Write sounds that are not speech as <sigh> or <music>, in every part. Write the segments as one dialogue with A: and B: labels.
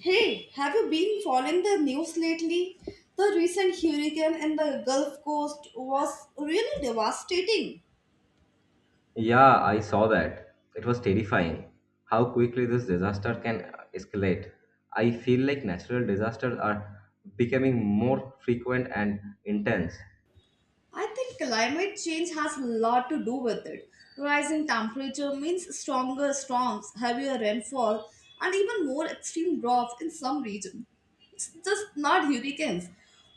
A: Hey, have you been following the news lately? The recent hurricane in the Gulf Coast was really devastating.
B: Yeah, I saw that. It was terrifying how quickly this disaster can escalate. I feel like natural disasters are becoming more frequent and intense.
A: I think climate change has a lot to do with it. Rising temperature means stronger storms, heavier rainfall, and even more extreme droughts in some regions. It's just not hurricanes.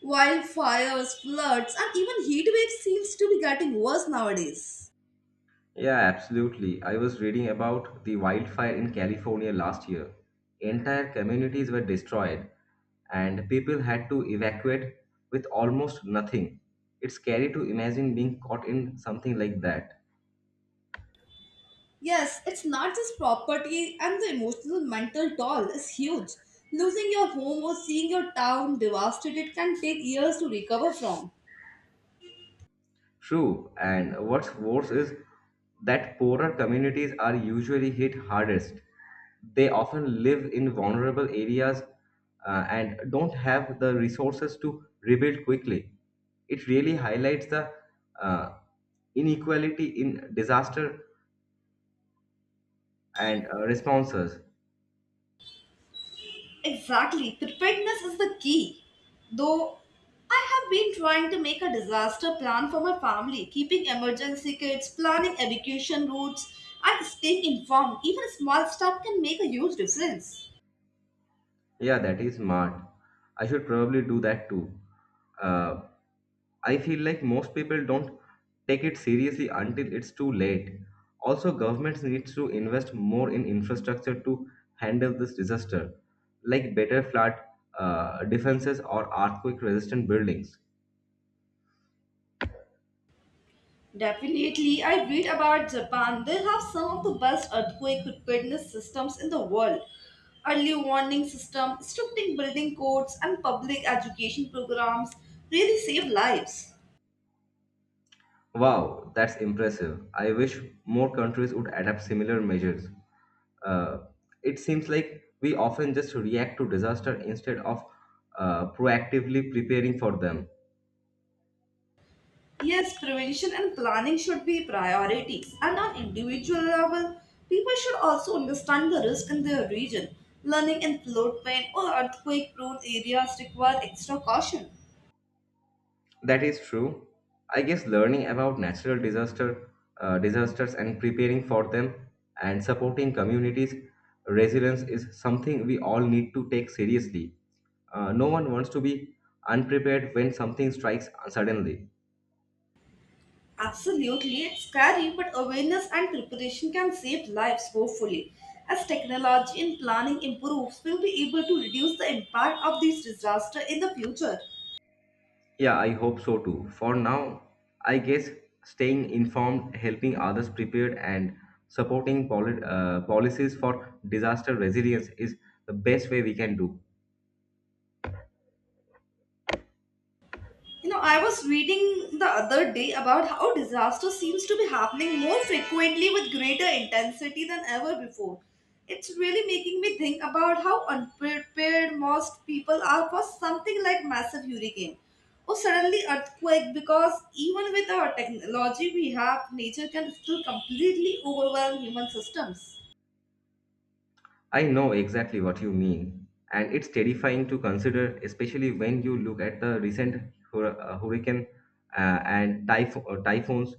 A: Wildfires, floods, and even heat waves seems to be getting worse nowadays.
B: Yeah, absolutely. I was reading about the wildfire in California last year. Entire communities were destroyed, and people had to evacuate with almost nothing. It's scary to imagine being caught in something like that.
A: Yes, it's not just property and the emotional mental toll is huge. Losing your home or seeing your town devastated can take years to recover from.
B: True, and what's worse is that poorer communities are usually hit hardest. They often live in vulnerable areas, and don't have the resources to rebuild quickly. It really highlights the uh, inequality in disaster and responses.
A: Exactly, preparedness is the key. Though I have been trying to make a disaster plan for my family, keeping emergency kits, planning evacuation routes, and staying informed. Even a small step can make a huge difference.
B: Yeah, that is smart. I should probably do that too. Uh, I feel like most people don't take it seriously until it's too late. Also, governments need to invest more in infrastructure to handle this disaster, like better flood defenses or earthquake-resistant buildings.
A: Definitely, I read about Japan. They have some of the best earthquake preparedness systems in the world. Early warning system, stricting building codes, and public education programs really save lives.
B: Wow, that's impressive. I wish more countries would adapt similar measures. Uh, it seems like we often just react to disaster instead of proactively preparing for them.
A: Yes, prevention and planning should be priorities. And on individual level, people should also understand the risk in their region. Learning in floodplain or earthquake-prone areas require extra caution.
B: That is true. I guess learning about disasters and preparing for them and supporting communities resilience is something we all need to take seriously. No one wants to be unprepared when something strikes suddenly.
A: Absolutely, it's scary, but awareness and preparation can save lives, hopefully. As technology and planning improves, we'll be able to reduce the impact of these disasters in the future.
B: Yeah, I hope so too. For now, I guess staying informed, helping others prepared, and supporting policies for disaster resilience is the best way we can do.
A: You know, I was reading the other day about how disaster seems to be happening more frequently with greater intensity than ever before. It's really making me think about how unprepared most people are for something like massive hurricane or suddenly earthquake because even with our technology we have, nature can still completely overwhelm human systems.
B: I know exactly what you mean, and it's terrifying to consider, especially when you look at the recent hurricane and typhoons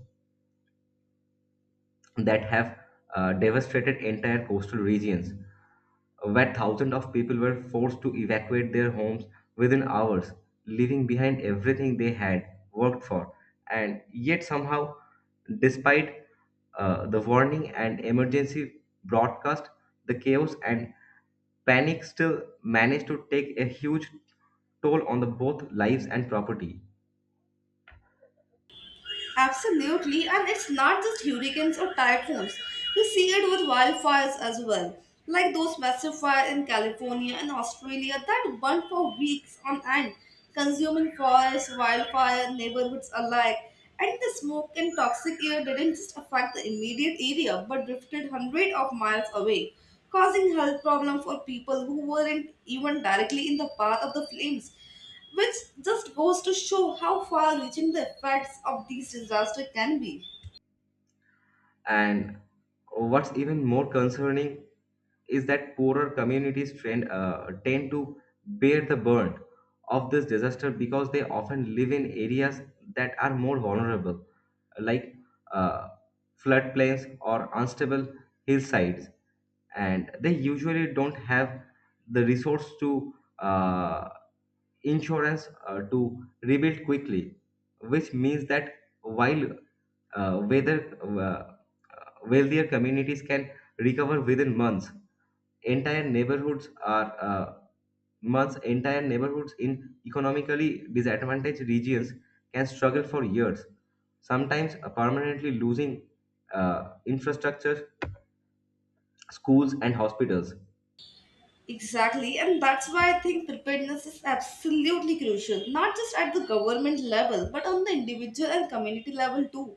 B: that have devastated entire coastal regions, where thousands of people were forced to evacuate their homes within hours, leaving behind everything they had worked for. And yet, somehow, despite the warning and emergency broadcast, the chaos and Panic still managed to take a huge toll on the both lives and property.
A: Absolutely, and it's not just hurricanes or typhoons. We see it with wildfires as well, like those massive fires in California and Australia that burned for weeks on end, consuming forests, wildfire neighborhoods alike. And the smoke and toxic air didn't just affect the immediate area but drifted hundreds of miles away, causing health problems for people who weren't even directly in the path of the flames which just goes to show how far reaching the effects of these disasters can be.
B: And what's even more concerning is that poorer communities tend to bear the burn of this disaster, because they often live in areas that are more vulnerable, like, uh, floodplains or unstable hillsides, and they usually don't have the resource to insurance to rebuild quickly, which means that while whether wealthier communities can recover within months, entire neighborhoods are uh, entire neighborhoods in economically disadvantaged regions can struggle for years, sometimes permanently losing infrastructure, schools, and hospitals.
A: Exactly, and that's why I think preparedness is absolutely crucial, not just at the government level, but on the individual and community level too.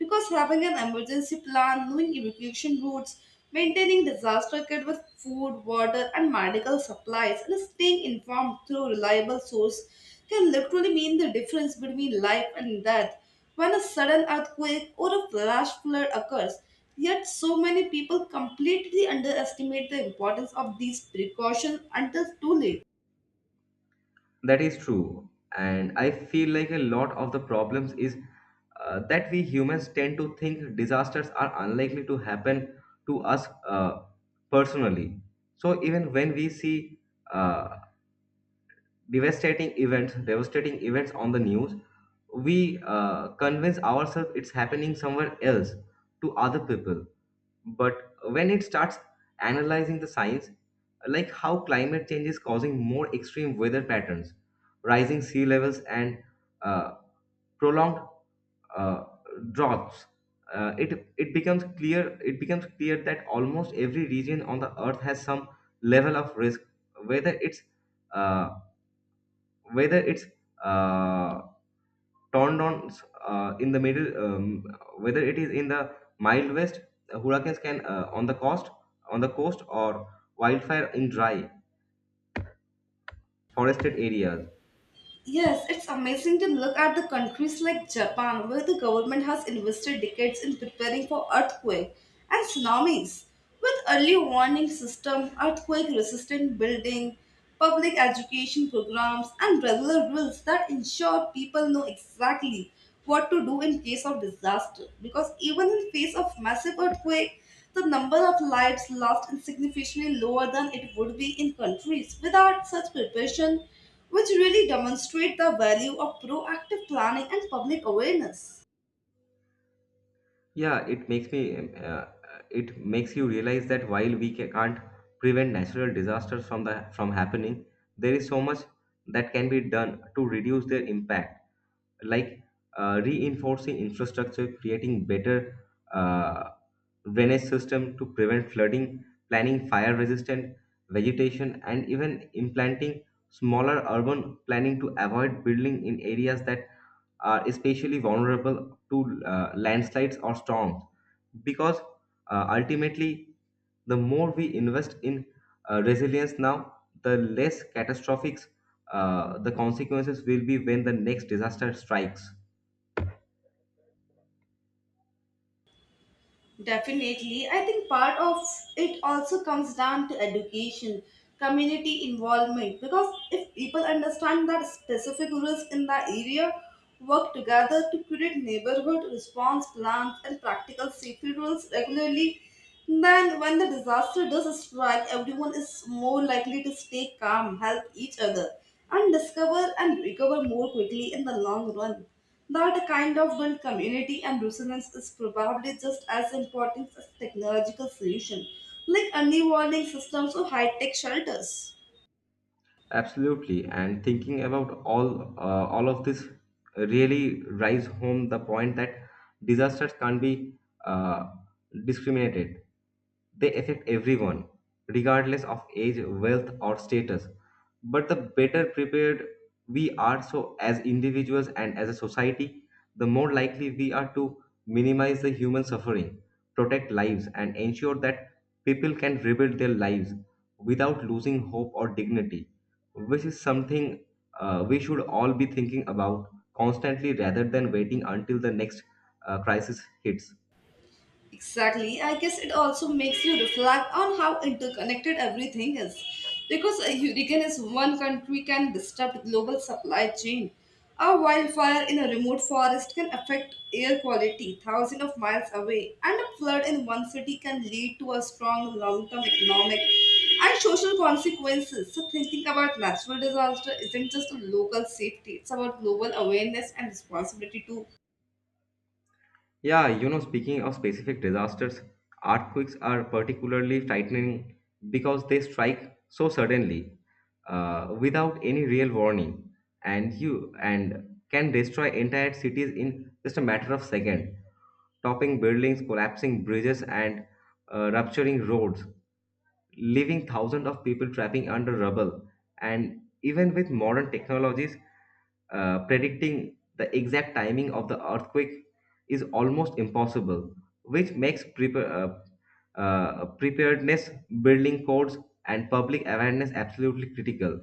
A: Because having an emergency plan, knowing evacuation routes, maintaining disaster kit with food, water, and medical supplies, and staying informed through reliable source can literally mean the difference between life and death when a sudden earthquake or a flash flood occurs. Yet, so many people completely underestimate the importance of these precautions until too late.
B: That is true. And I feel like a lot of the problems is that we humans tend to think disasters are unlikely to happen to us, personally. So even when we see uh, devastating events on the news, we convince ourselves it's happening somewhere else to other people. But when it starts analyzing the science, like how climate change is causing more extreme weather patterns, rising sea levels, and uh, prolonged uh, droughts, it it becomes clear that almost every region on the earth has some level of risk, whether it's uh, whether it's uh, turned on in whether it is in the mild west, hurricanes can, on the coast, or wildfire in dry forested areas.
A: Yes, it's amazing to look at the countries like Japan, where the government has invested decades in preparing for earthquake and tsunamis, with early warning system, earthquake-resistant building, public education programs, and regular drills that ensure people know exactly what to do in case of disaster. Because even in face of massive earthquake, the number of lives lost is significantly lower than it would be in countries without such preparation, which really demonstrate the value of proactive planning and public awareness.
B: Yeah, it makes me. It makes you realize that while can't prevent natural disasters from the from happening, there is so much that can be done to reduce their impact, like, reinforcing infrastructure, creating better uh, drainage system to prevent flooding, planning fire resistant vegetation, and even implanting smaller urban planning to avoid building in areas that are especially vulnerable to, landslides or storms. Because ultimately, the more we invest in resilience now, the less catastrophic the consequences will be when the next disaster strikes.
A: Definitely, I think part of it also comes down to education, community involvement, because if people understand that specific risk in the area, work together to create neighborhood response plans and practical safety rules regularly, then, when the disaster does strike, everyone is more likely to stay calm, help each other, and discover and recover more quickly in the long run. That kind of built community and resilience is probably just as important as technological solution, like early warning systems or high-tech shelters.
B: Absolutely, and thinking about all of this really drives home the point that disasters can't be uh, discriminated. They affect everyone, regardless of age, wealth, or status. But the better prepared we are, so as individuals and as a society, the more likely we are to minimize the human suffering, protect lives, and ensure that people can rebuild their lives without losing hope or dignity, which is something we should all be thinking about constantly rather than waiting until the next crisis hits.
A: Exactly. I guess it also makes you reflect on how interconnected everything is. Because a hurricane in one country can disrupt global supply chain. A wildfire in a remote forest can affect air quality thousands of miles away, and a flood in one city can lead to a strong long-term economic and social consequences. So thinking about natural disaster isn't just a local safety, it's about global awareness and responsibility too.
B: Yeah, you know, speaking of specific disasters, earthquakes are particularly frightening because they strike so suddenly, without any real warning, and you and can destroy entire cities in just a matter of second, topping buildings, collapsing bridges, and rupturing roads, leaving thousands of people trapping under rubble. And even with modern technologies, predicting the exact timing of the earthquake is almost impossible, which makes preparedness, building codes, and public awareness absolutely critical.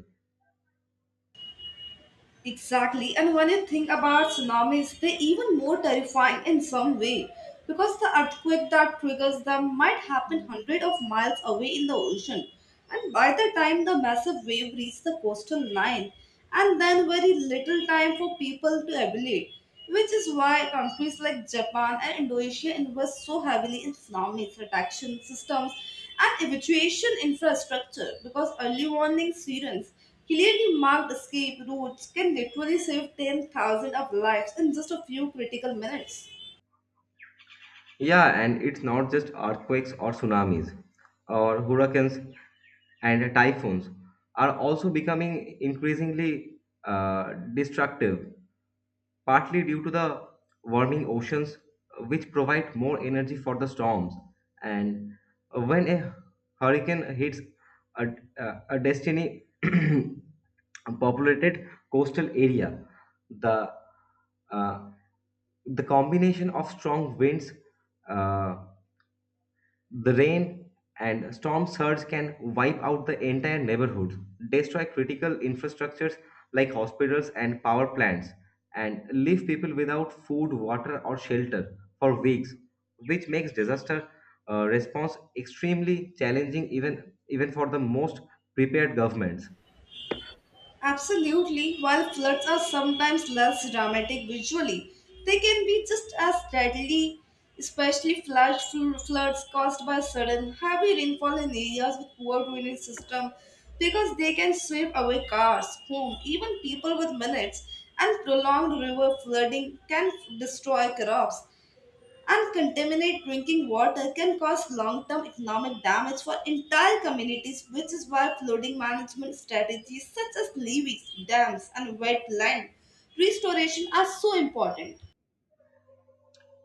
A: Exactly. And when you think about tsunamis, they're even more terrifying in some way because the earthquake that triggers them might happen hundreds of miles away in the ocean. And by the time the massive wave reaches the coastal line, and then very little time for people to evaluate, which is why countries like Japan and Indonesia invest so heavily in tsunami detection systems and evacuation infrastructure because early warning sirens clearly marked escape routes can literally save 10,000 of lives in just a few critical minutes.
B: Yeah, and it's not just earthquakes or tsunamis or hurricanes and typhoons are also becoming increasingly destructive, partly due to the warming oceans, which provide more energy for the storms. And when a hurricane hits a, a destiny <clears throat> populated coastal area, the uh, the combination of strong winds, uh, the rain and storm surge can wipe out the entire neighborhoods, destroy critical infrastructures like hospitals and power plants, and leave people without food, water, or shelter for weeks, which makes disaster response extremely challenging even for the most prepared governments.
A: Absolutely, while floods are sometimes less dramatic visually, they can be just as deadly, especially flash floods caused by sudden heavy rainfall in areas with poor drainage system because they can sweep away cars, homes, even people with minutes and prolonged river flooding can destroy crops and contaminate drinking water can cause long-term economic damage for entire communities, which is why flooding management strategies such as levees, dams, and wetland restoration are so important.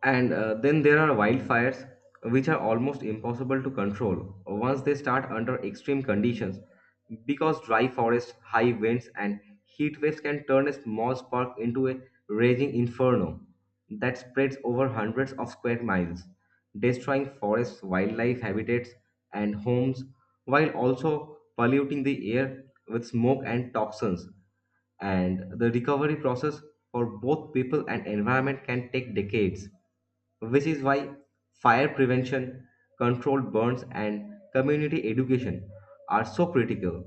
B: And then there are wildfires, which are almost impossible to control once they start under extreme conditions, because dry forests, high winds, and heat waves can turn a small spark into a raging inferno that spreads over hundreds of square miles, destroying forests, wildlife habitats, and homes, while also polluting the air with smoke and toxins, and the recovery process for both people and environment can take decades, which is why fire prevention, controlled burns, and community education are so critical.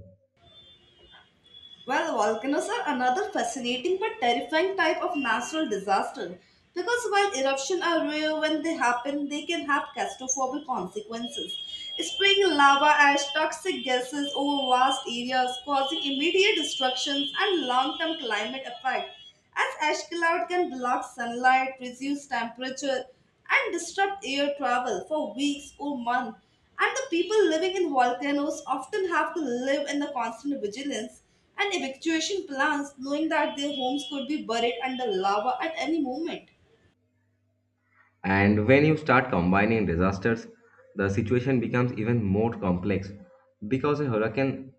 A: Well, volcanoes are another fascinating but terrifying type of natural disaster because while eruptions are rare when they happen, they can have catastrophic consequences. Spraying lava ash, toxic gases over vast areas, causing immediate destructions and long-term climate effects. As ash cloud can block sunlight, reduce temperature, and disrupt air travel for weeks or months, and the people living in volcanoes often have to live in the constant vigilance and evacuation plans knowing that their homes could be buried under lava at any moment.
B: And when you start combining disasters, the situation becomes even more complex because a hurricane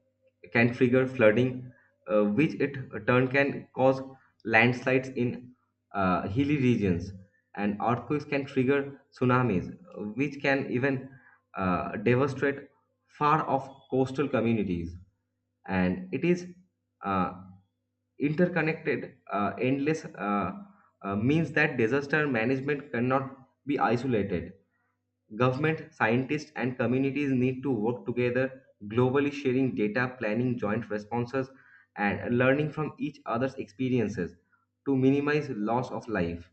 B: can trigger flooding, which it turn can cause landslides in hilly regions, and earthquakes can trigger tsunamis, which can even devastate far off coastal communities. And it is uh, interconnected endless means that disaster management cannot be isolated. Government scientists and communities need to work together globally, sharing data, planning joint responses, and learning from each other's experiences to minimize loss of life.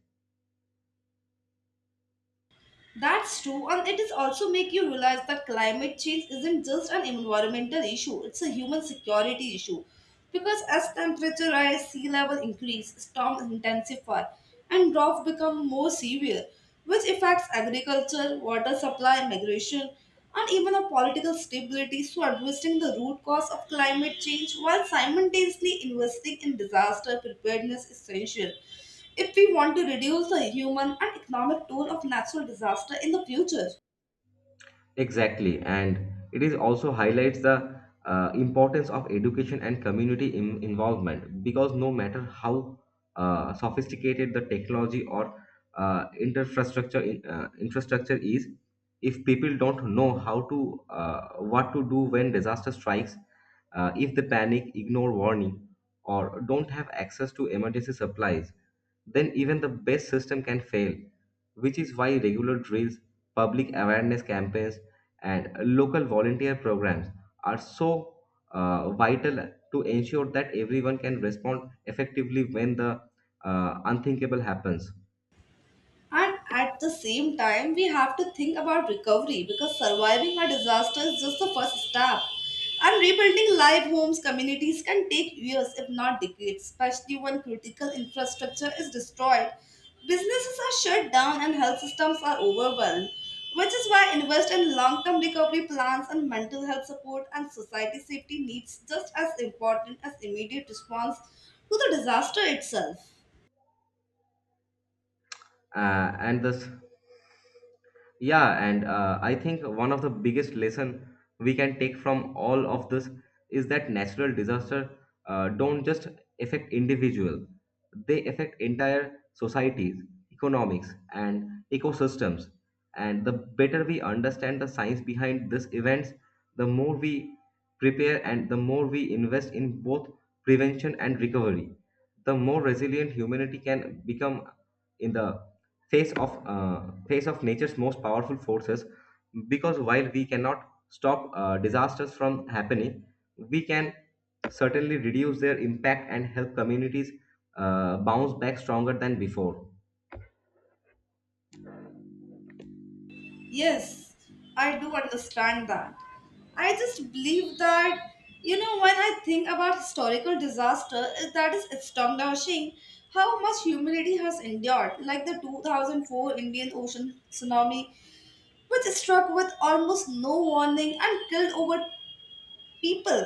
A: That's true, and it is also make you realize that climate change isn't just an environmental issue, it's a human security issue. Because as temperature rise, sea level increase, storms intensify, and drought become more severe, which affects agriculture, water supply, migration, and even our political stability. So addressing the root cause of climate change while simultaneously investing in disaster preparedness is essential if we want to reduce the human and economic toll of natural disaster in the future.
B: Exactly, and it is also highlights the importance of education and community involvement, because no matter how sophisticated the technology or infrastructure is, if people don't know how to, what to do when disaster strikes, if they panic, ignore warning, or don't have access to emergency supplies, then even the best system can fail, which is why regular drills, public awareness campaigns, and local volunteer programs are so vital to ensure that everyone can respond effectively when the unthinkable happens.
A: And at the same time, we have to think about recovery because surviving a disaster is just the first step. And rebuilding live homes, communities can take years, if not decades, especially when critical infrastructure is destroyed. Businesses are shut down and health systems are overwhelmed, which is why invest in long-term recovery plans and mental health support and society safety needs just as important as immediate response to the disaster itself.
B: And this yeah and I think one of the biggest lesson we can take from all of this is that natural disaster don't just affect individual. They affect entire societies, economics, and ecosystems, and the better we understand the science behind these events, the more we prepare, and the more we invest in both prevention and recovery, the more resilient humanity can become in the face of nature's most powerful forces, because while we cannot stop disasters from happening, we can certainly reduce their impact and help communities bounce back stronger than before.
A: Yes, I do understand that. I just believe that, when I think about historical disaster, that is astonishing how much humanity has endured, like the 2004 Indian Ocean tsunami, which struck with almost no warning and killed over people,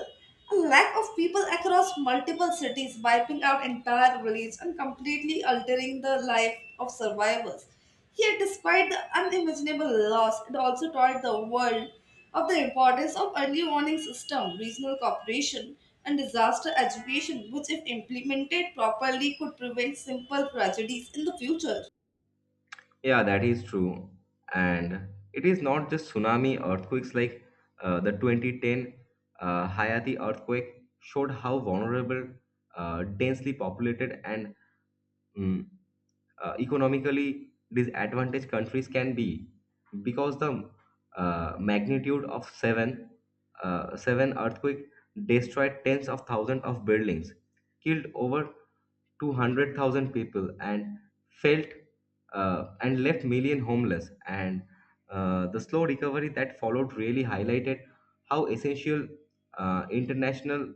A: a lack of people across multiple cities, wiping out entire villages and completely altering the life of survivors. Yet despite the unimaginable loss, it also taught the world of the importance of early warning system, regional cooperation, and disaster education, which if implemented properly could prevent simple tragedies in the future.
B: Yeah, that is true. And it is not just tsunami earthquakes, like the 2010 hayati earthquake showed how vulnerable densely populated and mm, economically disadvantaged countries can be, because the magnitude of seven seven earthquake destroyed tens of thousands of buildings, killed over 200,000 people, and felt, and left million homeless, and the slow recovery that followed really highlighted how essential international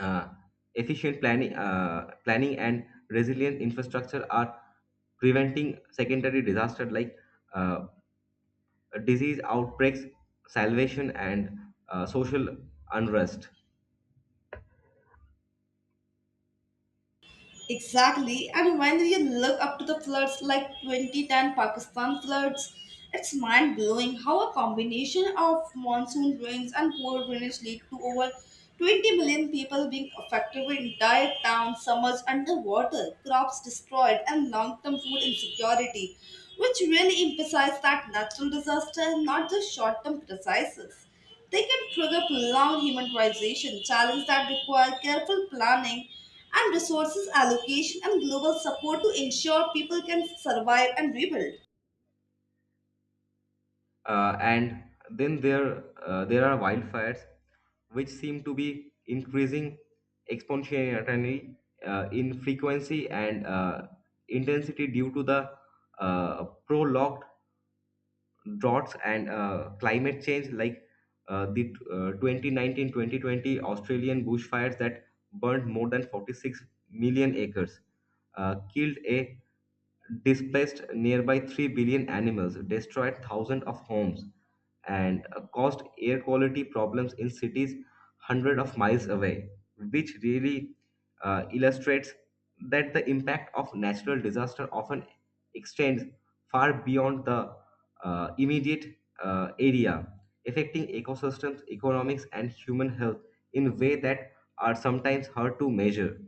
B: uh, planning and resilient infrastructure are preventing secondary disaster, like uh, disease outbreaks, salvation, and social unrest.
A: Exactly. And when you look up to the floods like 2010 Pakistan floods, it's mind blowing how a combination of monsoon rains and poor drainage lead to over 20 million people being affected with entire towns submerged underwater, crops destroyed, and long term food insecurity, which really emphasizes that natural disaster is not just short term crises. They can trigger prolonged human civilization, challenge that require careful planning and resources allocation and global support to ensure people can survive and rebuild.
B: And then there There are wildfires, which seem to be increasing exponentially in frequency and intensity due to the prolonged droughts and climate change, like the 2019 australian bushfires that burned more than 46 million acres, killed a displaced nearby 3 billion animals, destroyed thousands of homes, and caused air quality problems in cities hundreds of miles away, which really illustrates that the impact of natural disaster often extends far beyond the immediate area, affecting ecosystems, economics, and human health in ways that are sometimes hard to measure.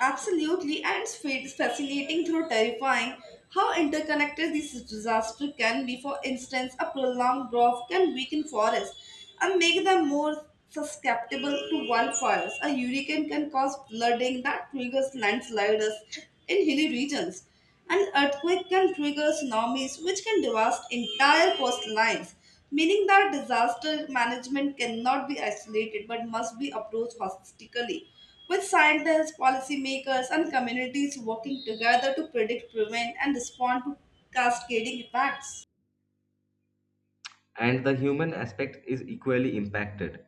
A: Absolutely, and it's fascinating through terrifying how interconnected these disasters can be. For instance, a prolonged drought can weaken forests and make them more susceptible to wildfires. A hurricane can cause flooding that triggers landslides in hilly regions. An earthquake can trigger tsunamis, which can devastate entire coastlines, meaning that disaster management cannot be isolated but must be approached holistically with scientists, policymakers, and communities working together to predict, prevent, and respond to cascading impacts.
B: And the human aspect is equally impacted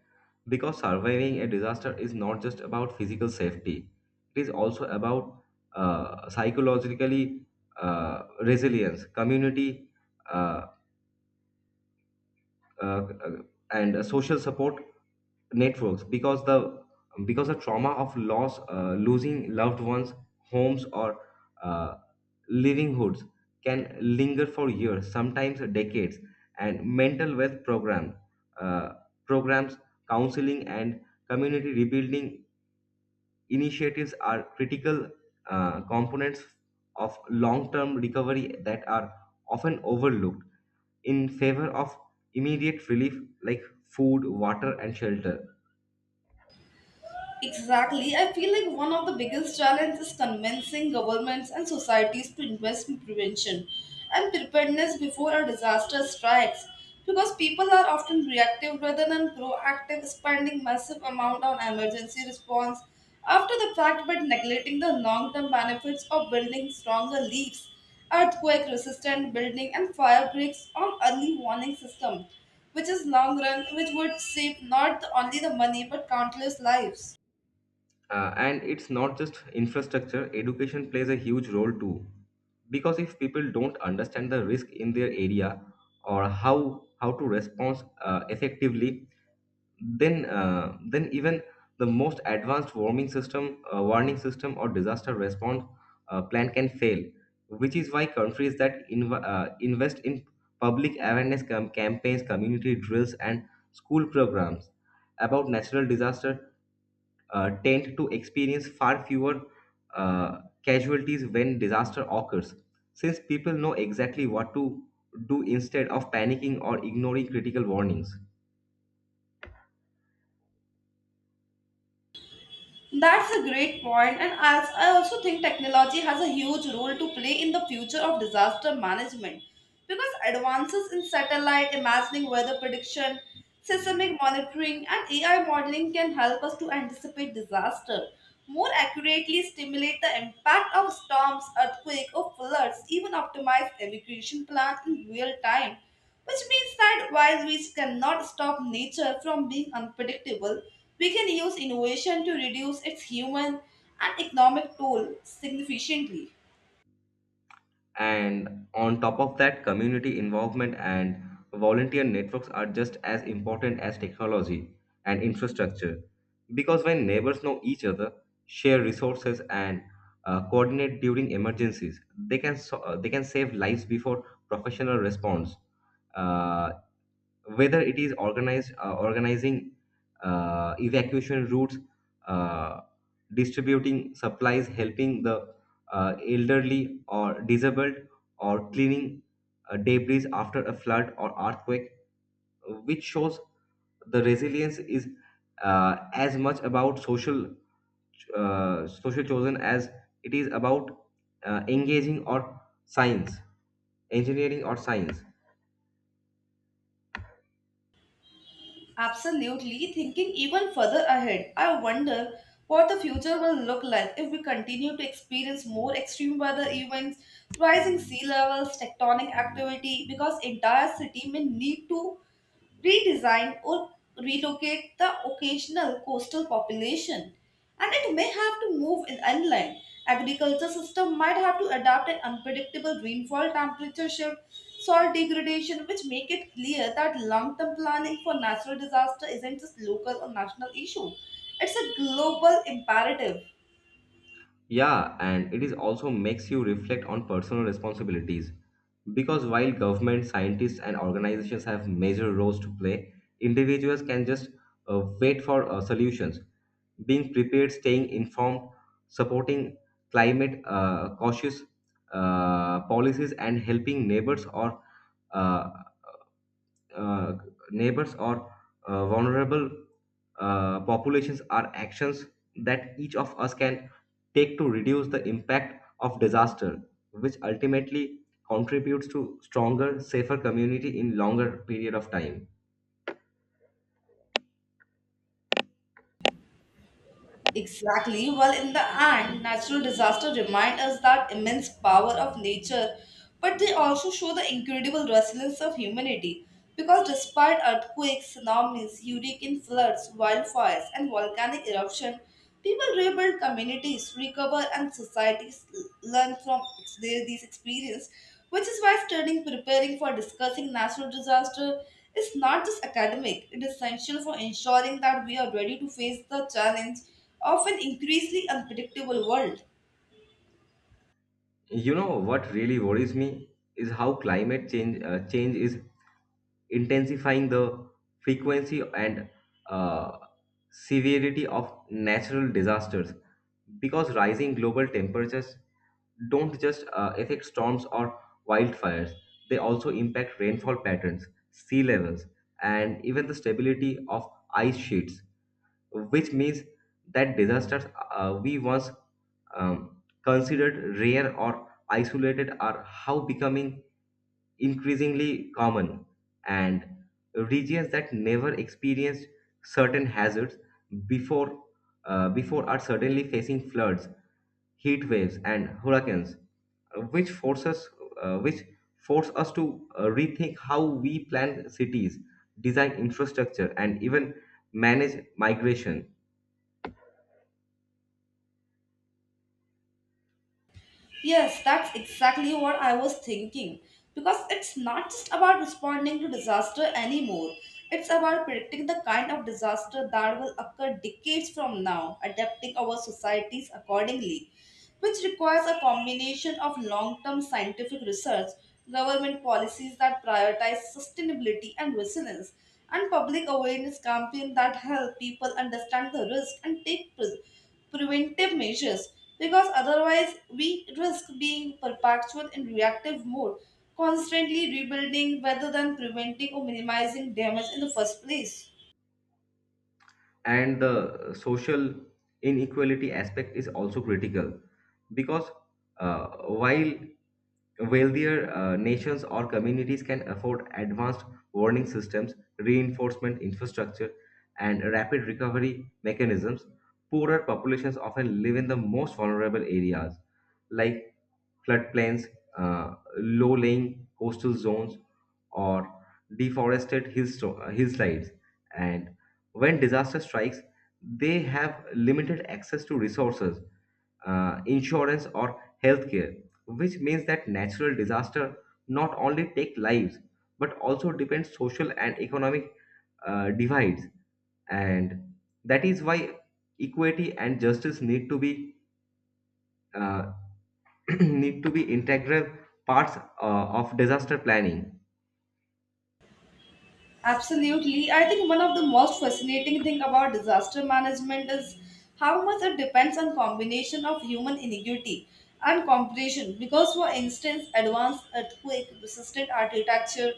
B: because surviving a disaster is not just about physical safety, it is also about psychologically resilience, community, uh, uh, uh, and social support networks because the trauma of loss, losing loved ones, homes, or uh, livelihoods can linger for years, sometimes decades. And mental health uh, programs, counseling, and community rebuilding initiatives are critical components of long-term recovery that are often overlooked in favor of immediate relief like food, water, and shelter.
A: Exactly. I feel like one of the biggest challenges is convincing governments and societies to invest in prevention and preparedness before a disaster strikes because people are often reactive rather than proactive, spending massive amount on emergency response after the fact but neglecting the long-term benefits of building stronger leaves, earthquake-resistant building and fire breaks on early warning system, which is long run which would save not only the money but countless lives.
B: And it's not just infrastructure, education plays a huge role too. Because if people don't understand the risk in their area or how to respond effectively, then even the most warning system, or disaster response plan can fail. Which is why countries that invest in public awareness campaigns, community drills, and school programs about natural disaster tend to experience far fewer casualties when disaster occurs, since people know exactly what to do instead of panicking or ignoring critical warnings.
A: That's a great point, and as I also think technology has a huge role to play in the future of disaster management because advances in satellite imagining weather prediction, seismic monitoring, and AI modeling can help us to anticipate disaster more accurately, stimulate the impact of storms, earthquake, or floods, even optimize evacuation plans in real time which means that while we cannot stop nature from being unpredictable, we can use innovation to reduce its human and economic toll significantly.
B: And on top of that, community involvement and volunteer networks are just as important as technology and infrastructure. Because when neighbors know each other, share resources, and coordinate during emergencies, they can save lives before professional response. Uh, Whether it is organized organizing evacuation routes, uh, distributing supplies, helping the elderly or disabled, or cleaning debris after a flood or earthquake, which shows the resilience is as much about social chosen as it is about engaging or science engineering or science.
A: Absolutely, thinking even further ahead, I wonder what the future will look like if we continue to experience more extreme weather events, rising sea levels, tectonic activity, because entire city may need to redesign or relocate the occasional coastal population and it may have to move in inland agriculture system might have to adapt an unpredictable rainfall temperature shift soil degradation which make it clear that long-term planning for natural disaster isn't just local or national issue, it's a global imperative.
B: Yeah, and it is also makes you reflect on personal responsibilities. Because while government, scientists, and organizations have major roles to play, individuals can just wait for solutions. Being prepared, staying informed, supporting climate, cautious policies, and helping uh, uh, neighbors or vulnerable populations are actions that each of us can take to reduce the impact of disaster, which ultimately contributes to stronger, safer community in longer period of time.
A: Exactly. Well, in the end, natural disasters remind us that immense power of nature, but they also show the incredible resilience of humanity. Because despite earthquakes, tsunamis, hurricane floods, wildfires, and volcanic eruption, people rebuild communities, recover, and societies learn from these experiences, which is why studying, preparing for discussing natural disaster is not just academic, it is essential for ensuring that we are ready to face the challenge of an increasingly unpredictable world.
B: You know what really worries me is how climate change is intensifying the frequency and uh, severity of natural disasters, because rising global temperatures don't just affect storms or wildfires, they also impact rainfall patterns, sea levels, and even the stability of ice sheets, which means that disasters we once considered rare or isolated are how becoming increasingly common, and regions that never experienced certain hazards before before are suddenly facing floods, heat waves, and hurricanes, uh, which forces which force us to rethink how we plan cities, design infrastructure, and even manage migration.
A: Yes, that's exactly what I was thinking. Because it's not just about responding to disaster anymore. It's about predicting the kind of disaster that will occur decades from now, adapting our societies accordingly, which requires a combination of long term scientific research, government policies that prioritize sustainability and resilience, and public awareness campaigns that help people understand the risk and take preventive measures because otherwise we risk being perpetual in reactive mode, constantly rebuilding rather than preventing or minimizing damage in the first place.
B: And the social inequality aspect is also critical, because while wealthier nations or communities can afford advanced warning systems, reinforcement infrastructure, and rapid recovery mechanisms. Poorer populations often live in the most vulnerable areas, like floodplains, low-lying coastal zones, or deforested hillsides. And when disaster strikes, they have limited access to resources, insurance, or healthcare, which means that natural disaster not only take lives but also depends social and economic divides. And that is why equity and justice need to be uh, <clears throat> need to be integral parts of disaster planning.
A: Absolutely. I think one of the most fascinating thing about disaster management is how much it depends on combination of human ingenuity and cooperation. Because for instance, advanced earthquake resistant architecture,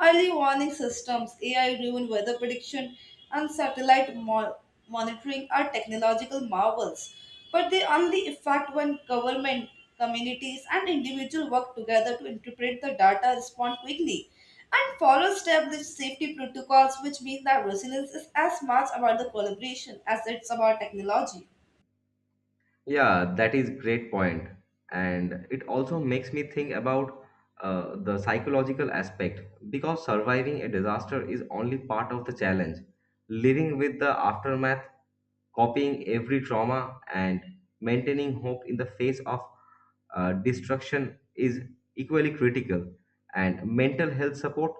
A: early warning systems, AI driven weather prediction, and satellite monitoring are technological marvels. But they only affect when government, communities, and individuals work together to interpret the data, respond quickly and follow step the safety protocols, which means that resilience is as much about the collaboration as it's about technology.
B: Yeah, that is great point, and it also makes me think about the psychological aspect, because surviving a disaster is only part of the challenge. Living with the aftermath, copying every trauma, and maintaining hope in the face of destruction is equally critical. And mental health support,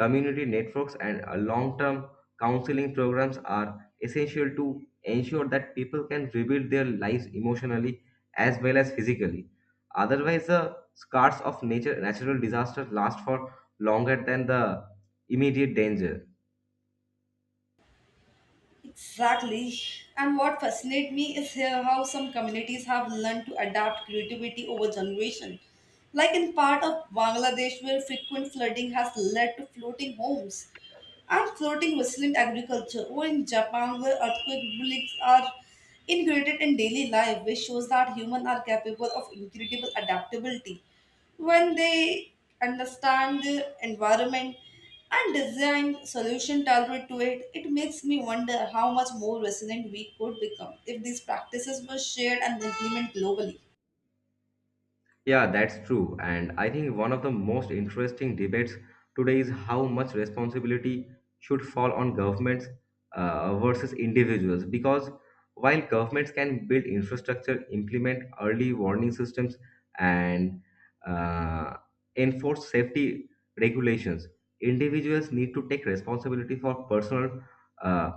B: community networks, and long-term counseling programs are essential to ensure that people can rebuild their lives emotionally as well as physically. Otherwise, the scars of nature, natural disasters last for longer than the immediate danger.
A: Exactly. And what fascinates me is here how some communities have learned to adapt creativity over generation. Like in part of Bangladesh where frequent flooding has led to floating homes and floating resilient agriculture, or in Japan, where earthquake relics are integrated in daily life, which shows that humans are capable of incredible adaptability when they understand the environment and design solution tailored to it, it makes me wonder how much more resilient we could become if these practices were shared and implemented globally.
B: Yeah, that's true. And I think one of the most interesting debates today is how much responsibility should fall on governments versus individuals. Because while governments can build infrastructure, implement early warning systems, and uh, enforce safety regulations, individuals need to take responsibility for uh,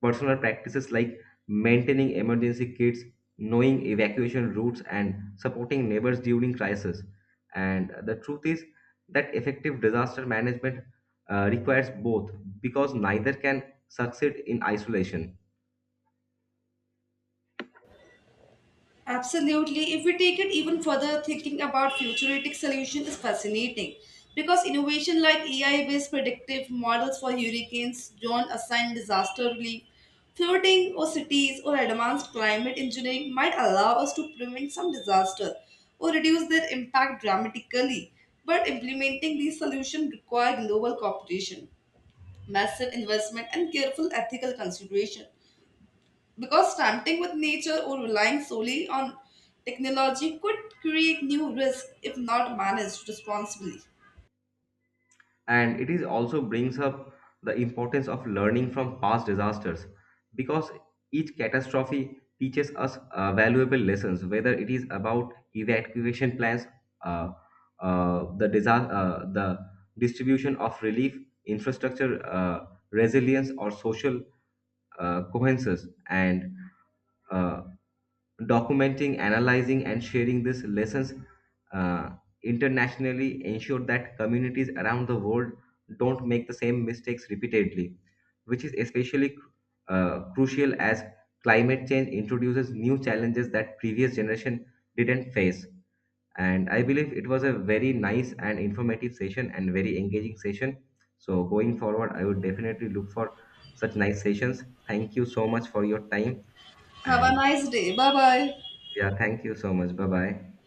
B: personal practices like maintaining emergency kits, knowing evacuation routes, and supporting neighbors during crisis. And the truth is that effective disaster management requires both, because neither can succeed in isolation.
A: Absolutely. If we take it even further, thinking about futuristic solution is fascinating because innovation like AI-based predictive models for hurricanes, drone assigned disaster relief, flooding or cities or advanced climate engineering might allow us to prevent some disaster or reduce their impact dramatically. But implementing these solutions require global cooperation, massive investment, and careful ethical consideration. Because stunting with nature or relying solely on technology could create new risks if not managed responsibly.
B: And it is also brings up the importance of learning from past disasters, because each catastrophe teaches us valuable lessons, whether it is about evacuation plans, uh, the distribution of relief, infrastructure, resilience, or social cohesions, and uh, documenting, analyzing, and sharing these lessons uh, internationally ensure that communities around the world don't make the same mistakes repeatedly, which is especially crucial as climate change introduces new challenges that previous generation didn't face. And I believe it was a very nice and informative session and very engaging session. So going forward, I would definitely look for such nice sessions. Thank you so much for your time
A: Have a
B: and
A: nice day. Bye bye.
B: yeah, thank you so much. Bye bye.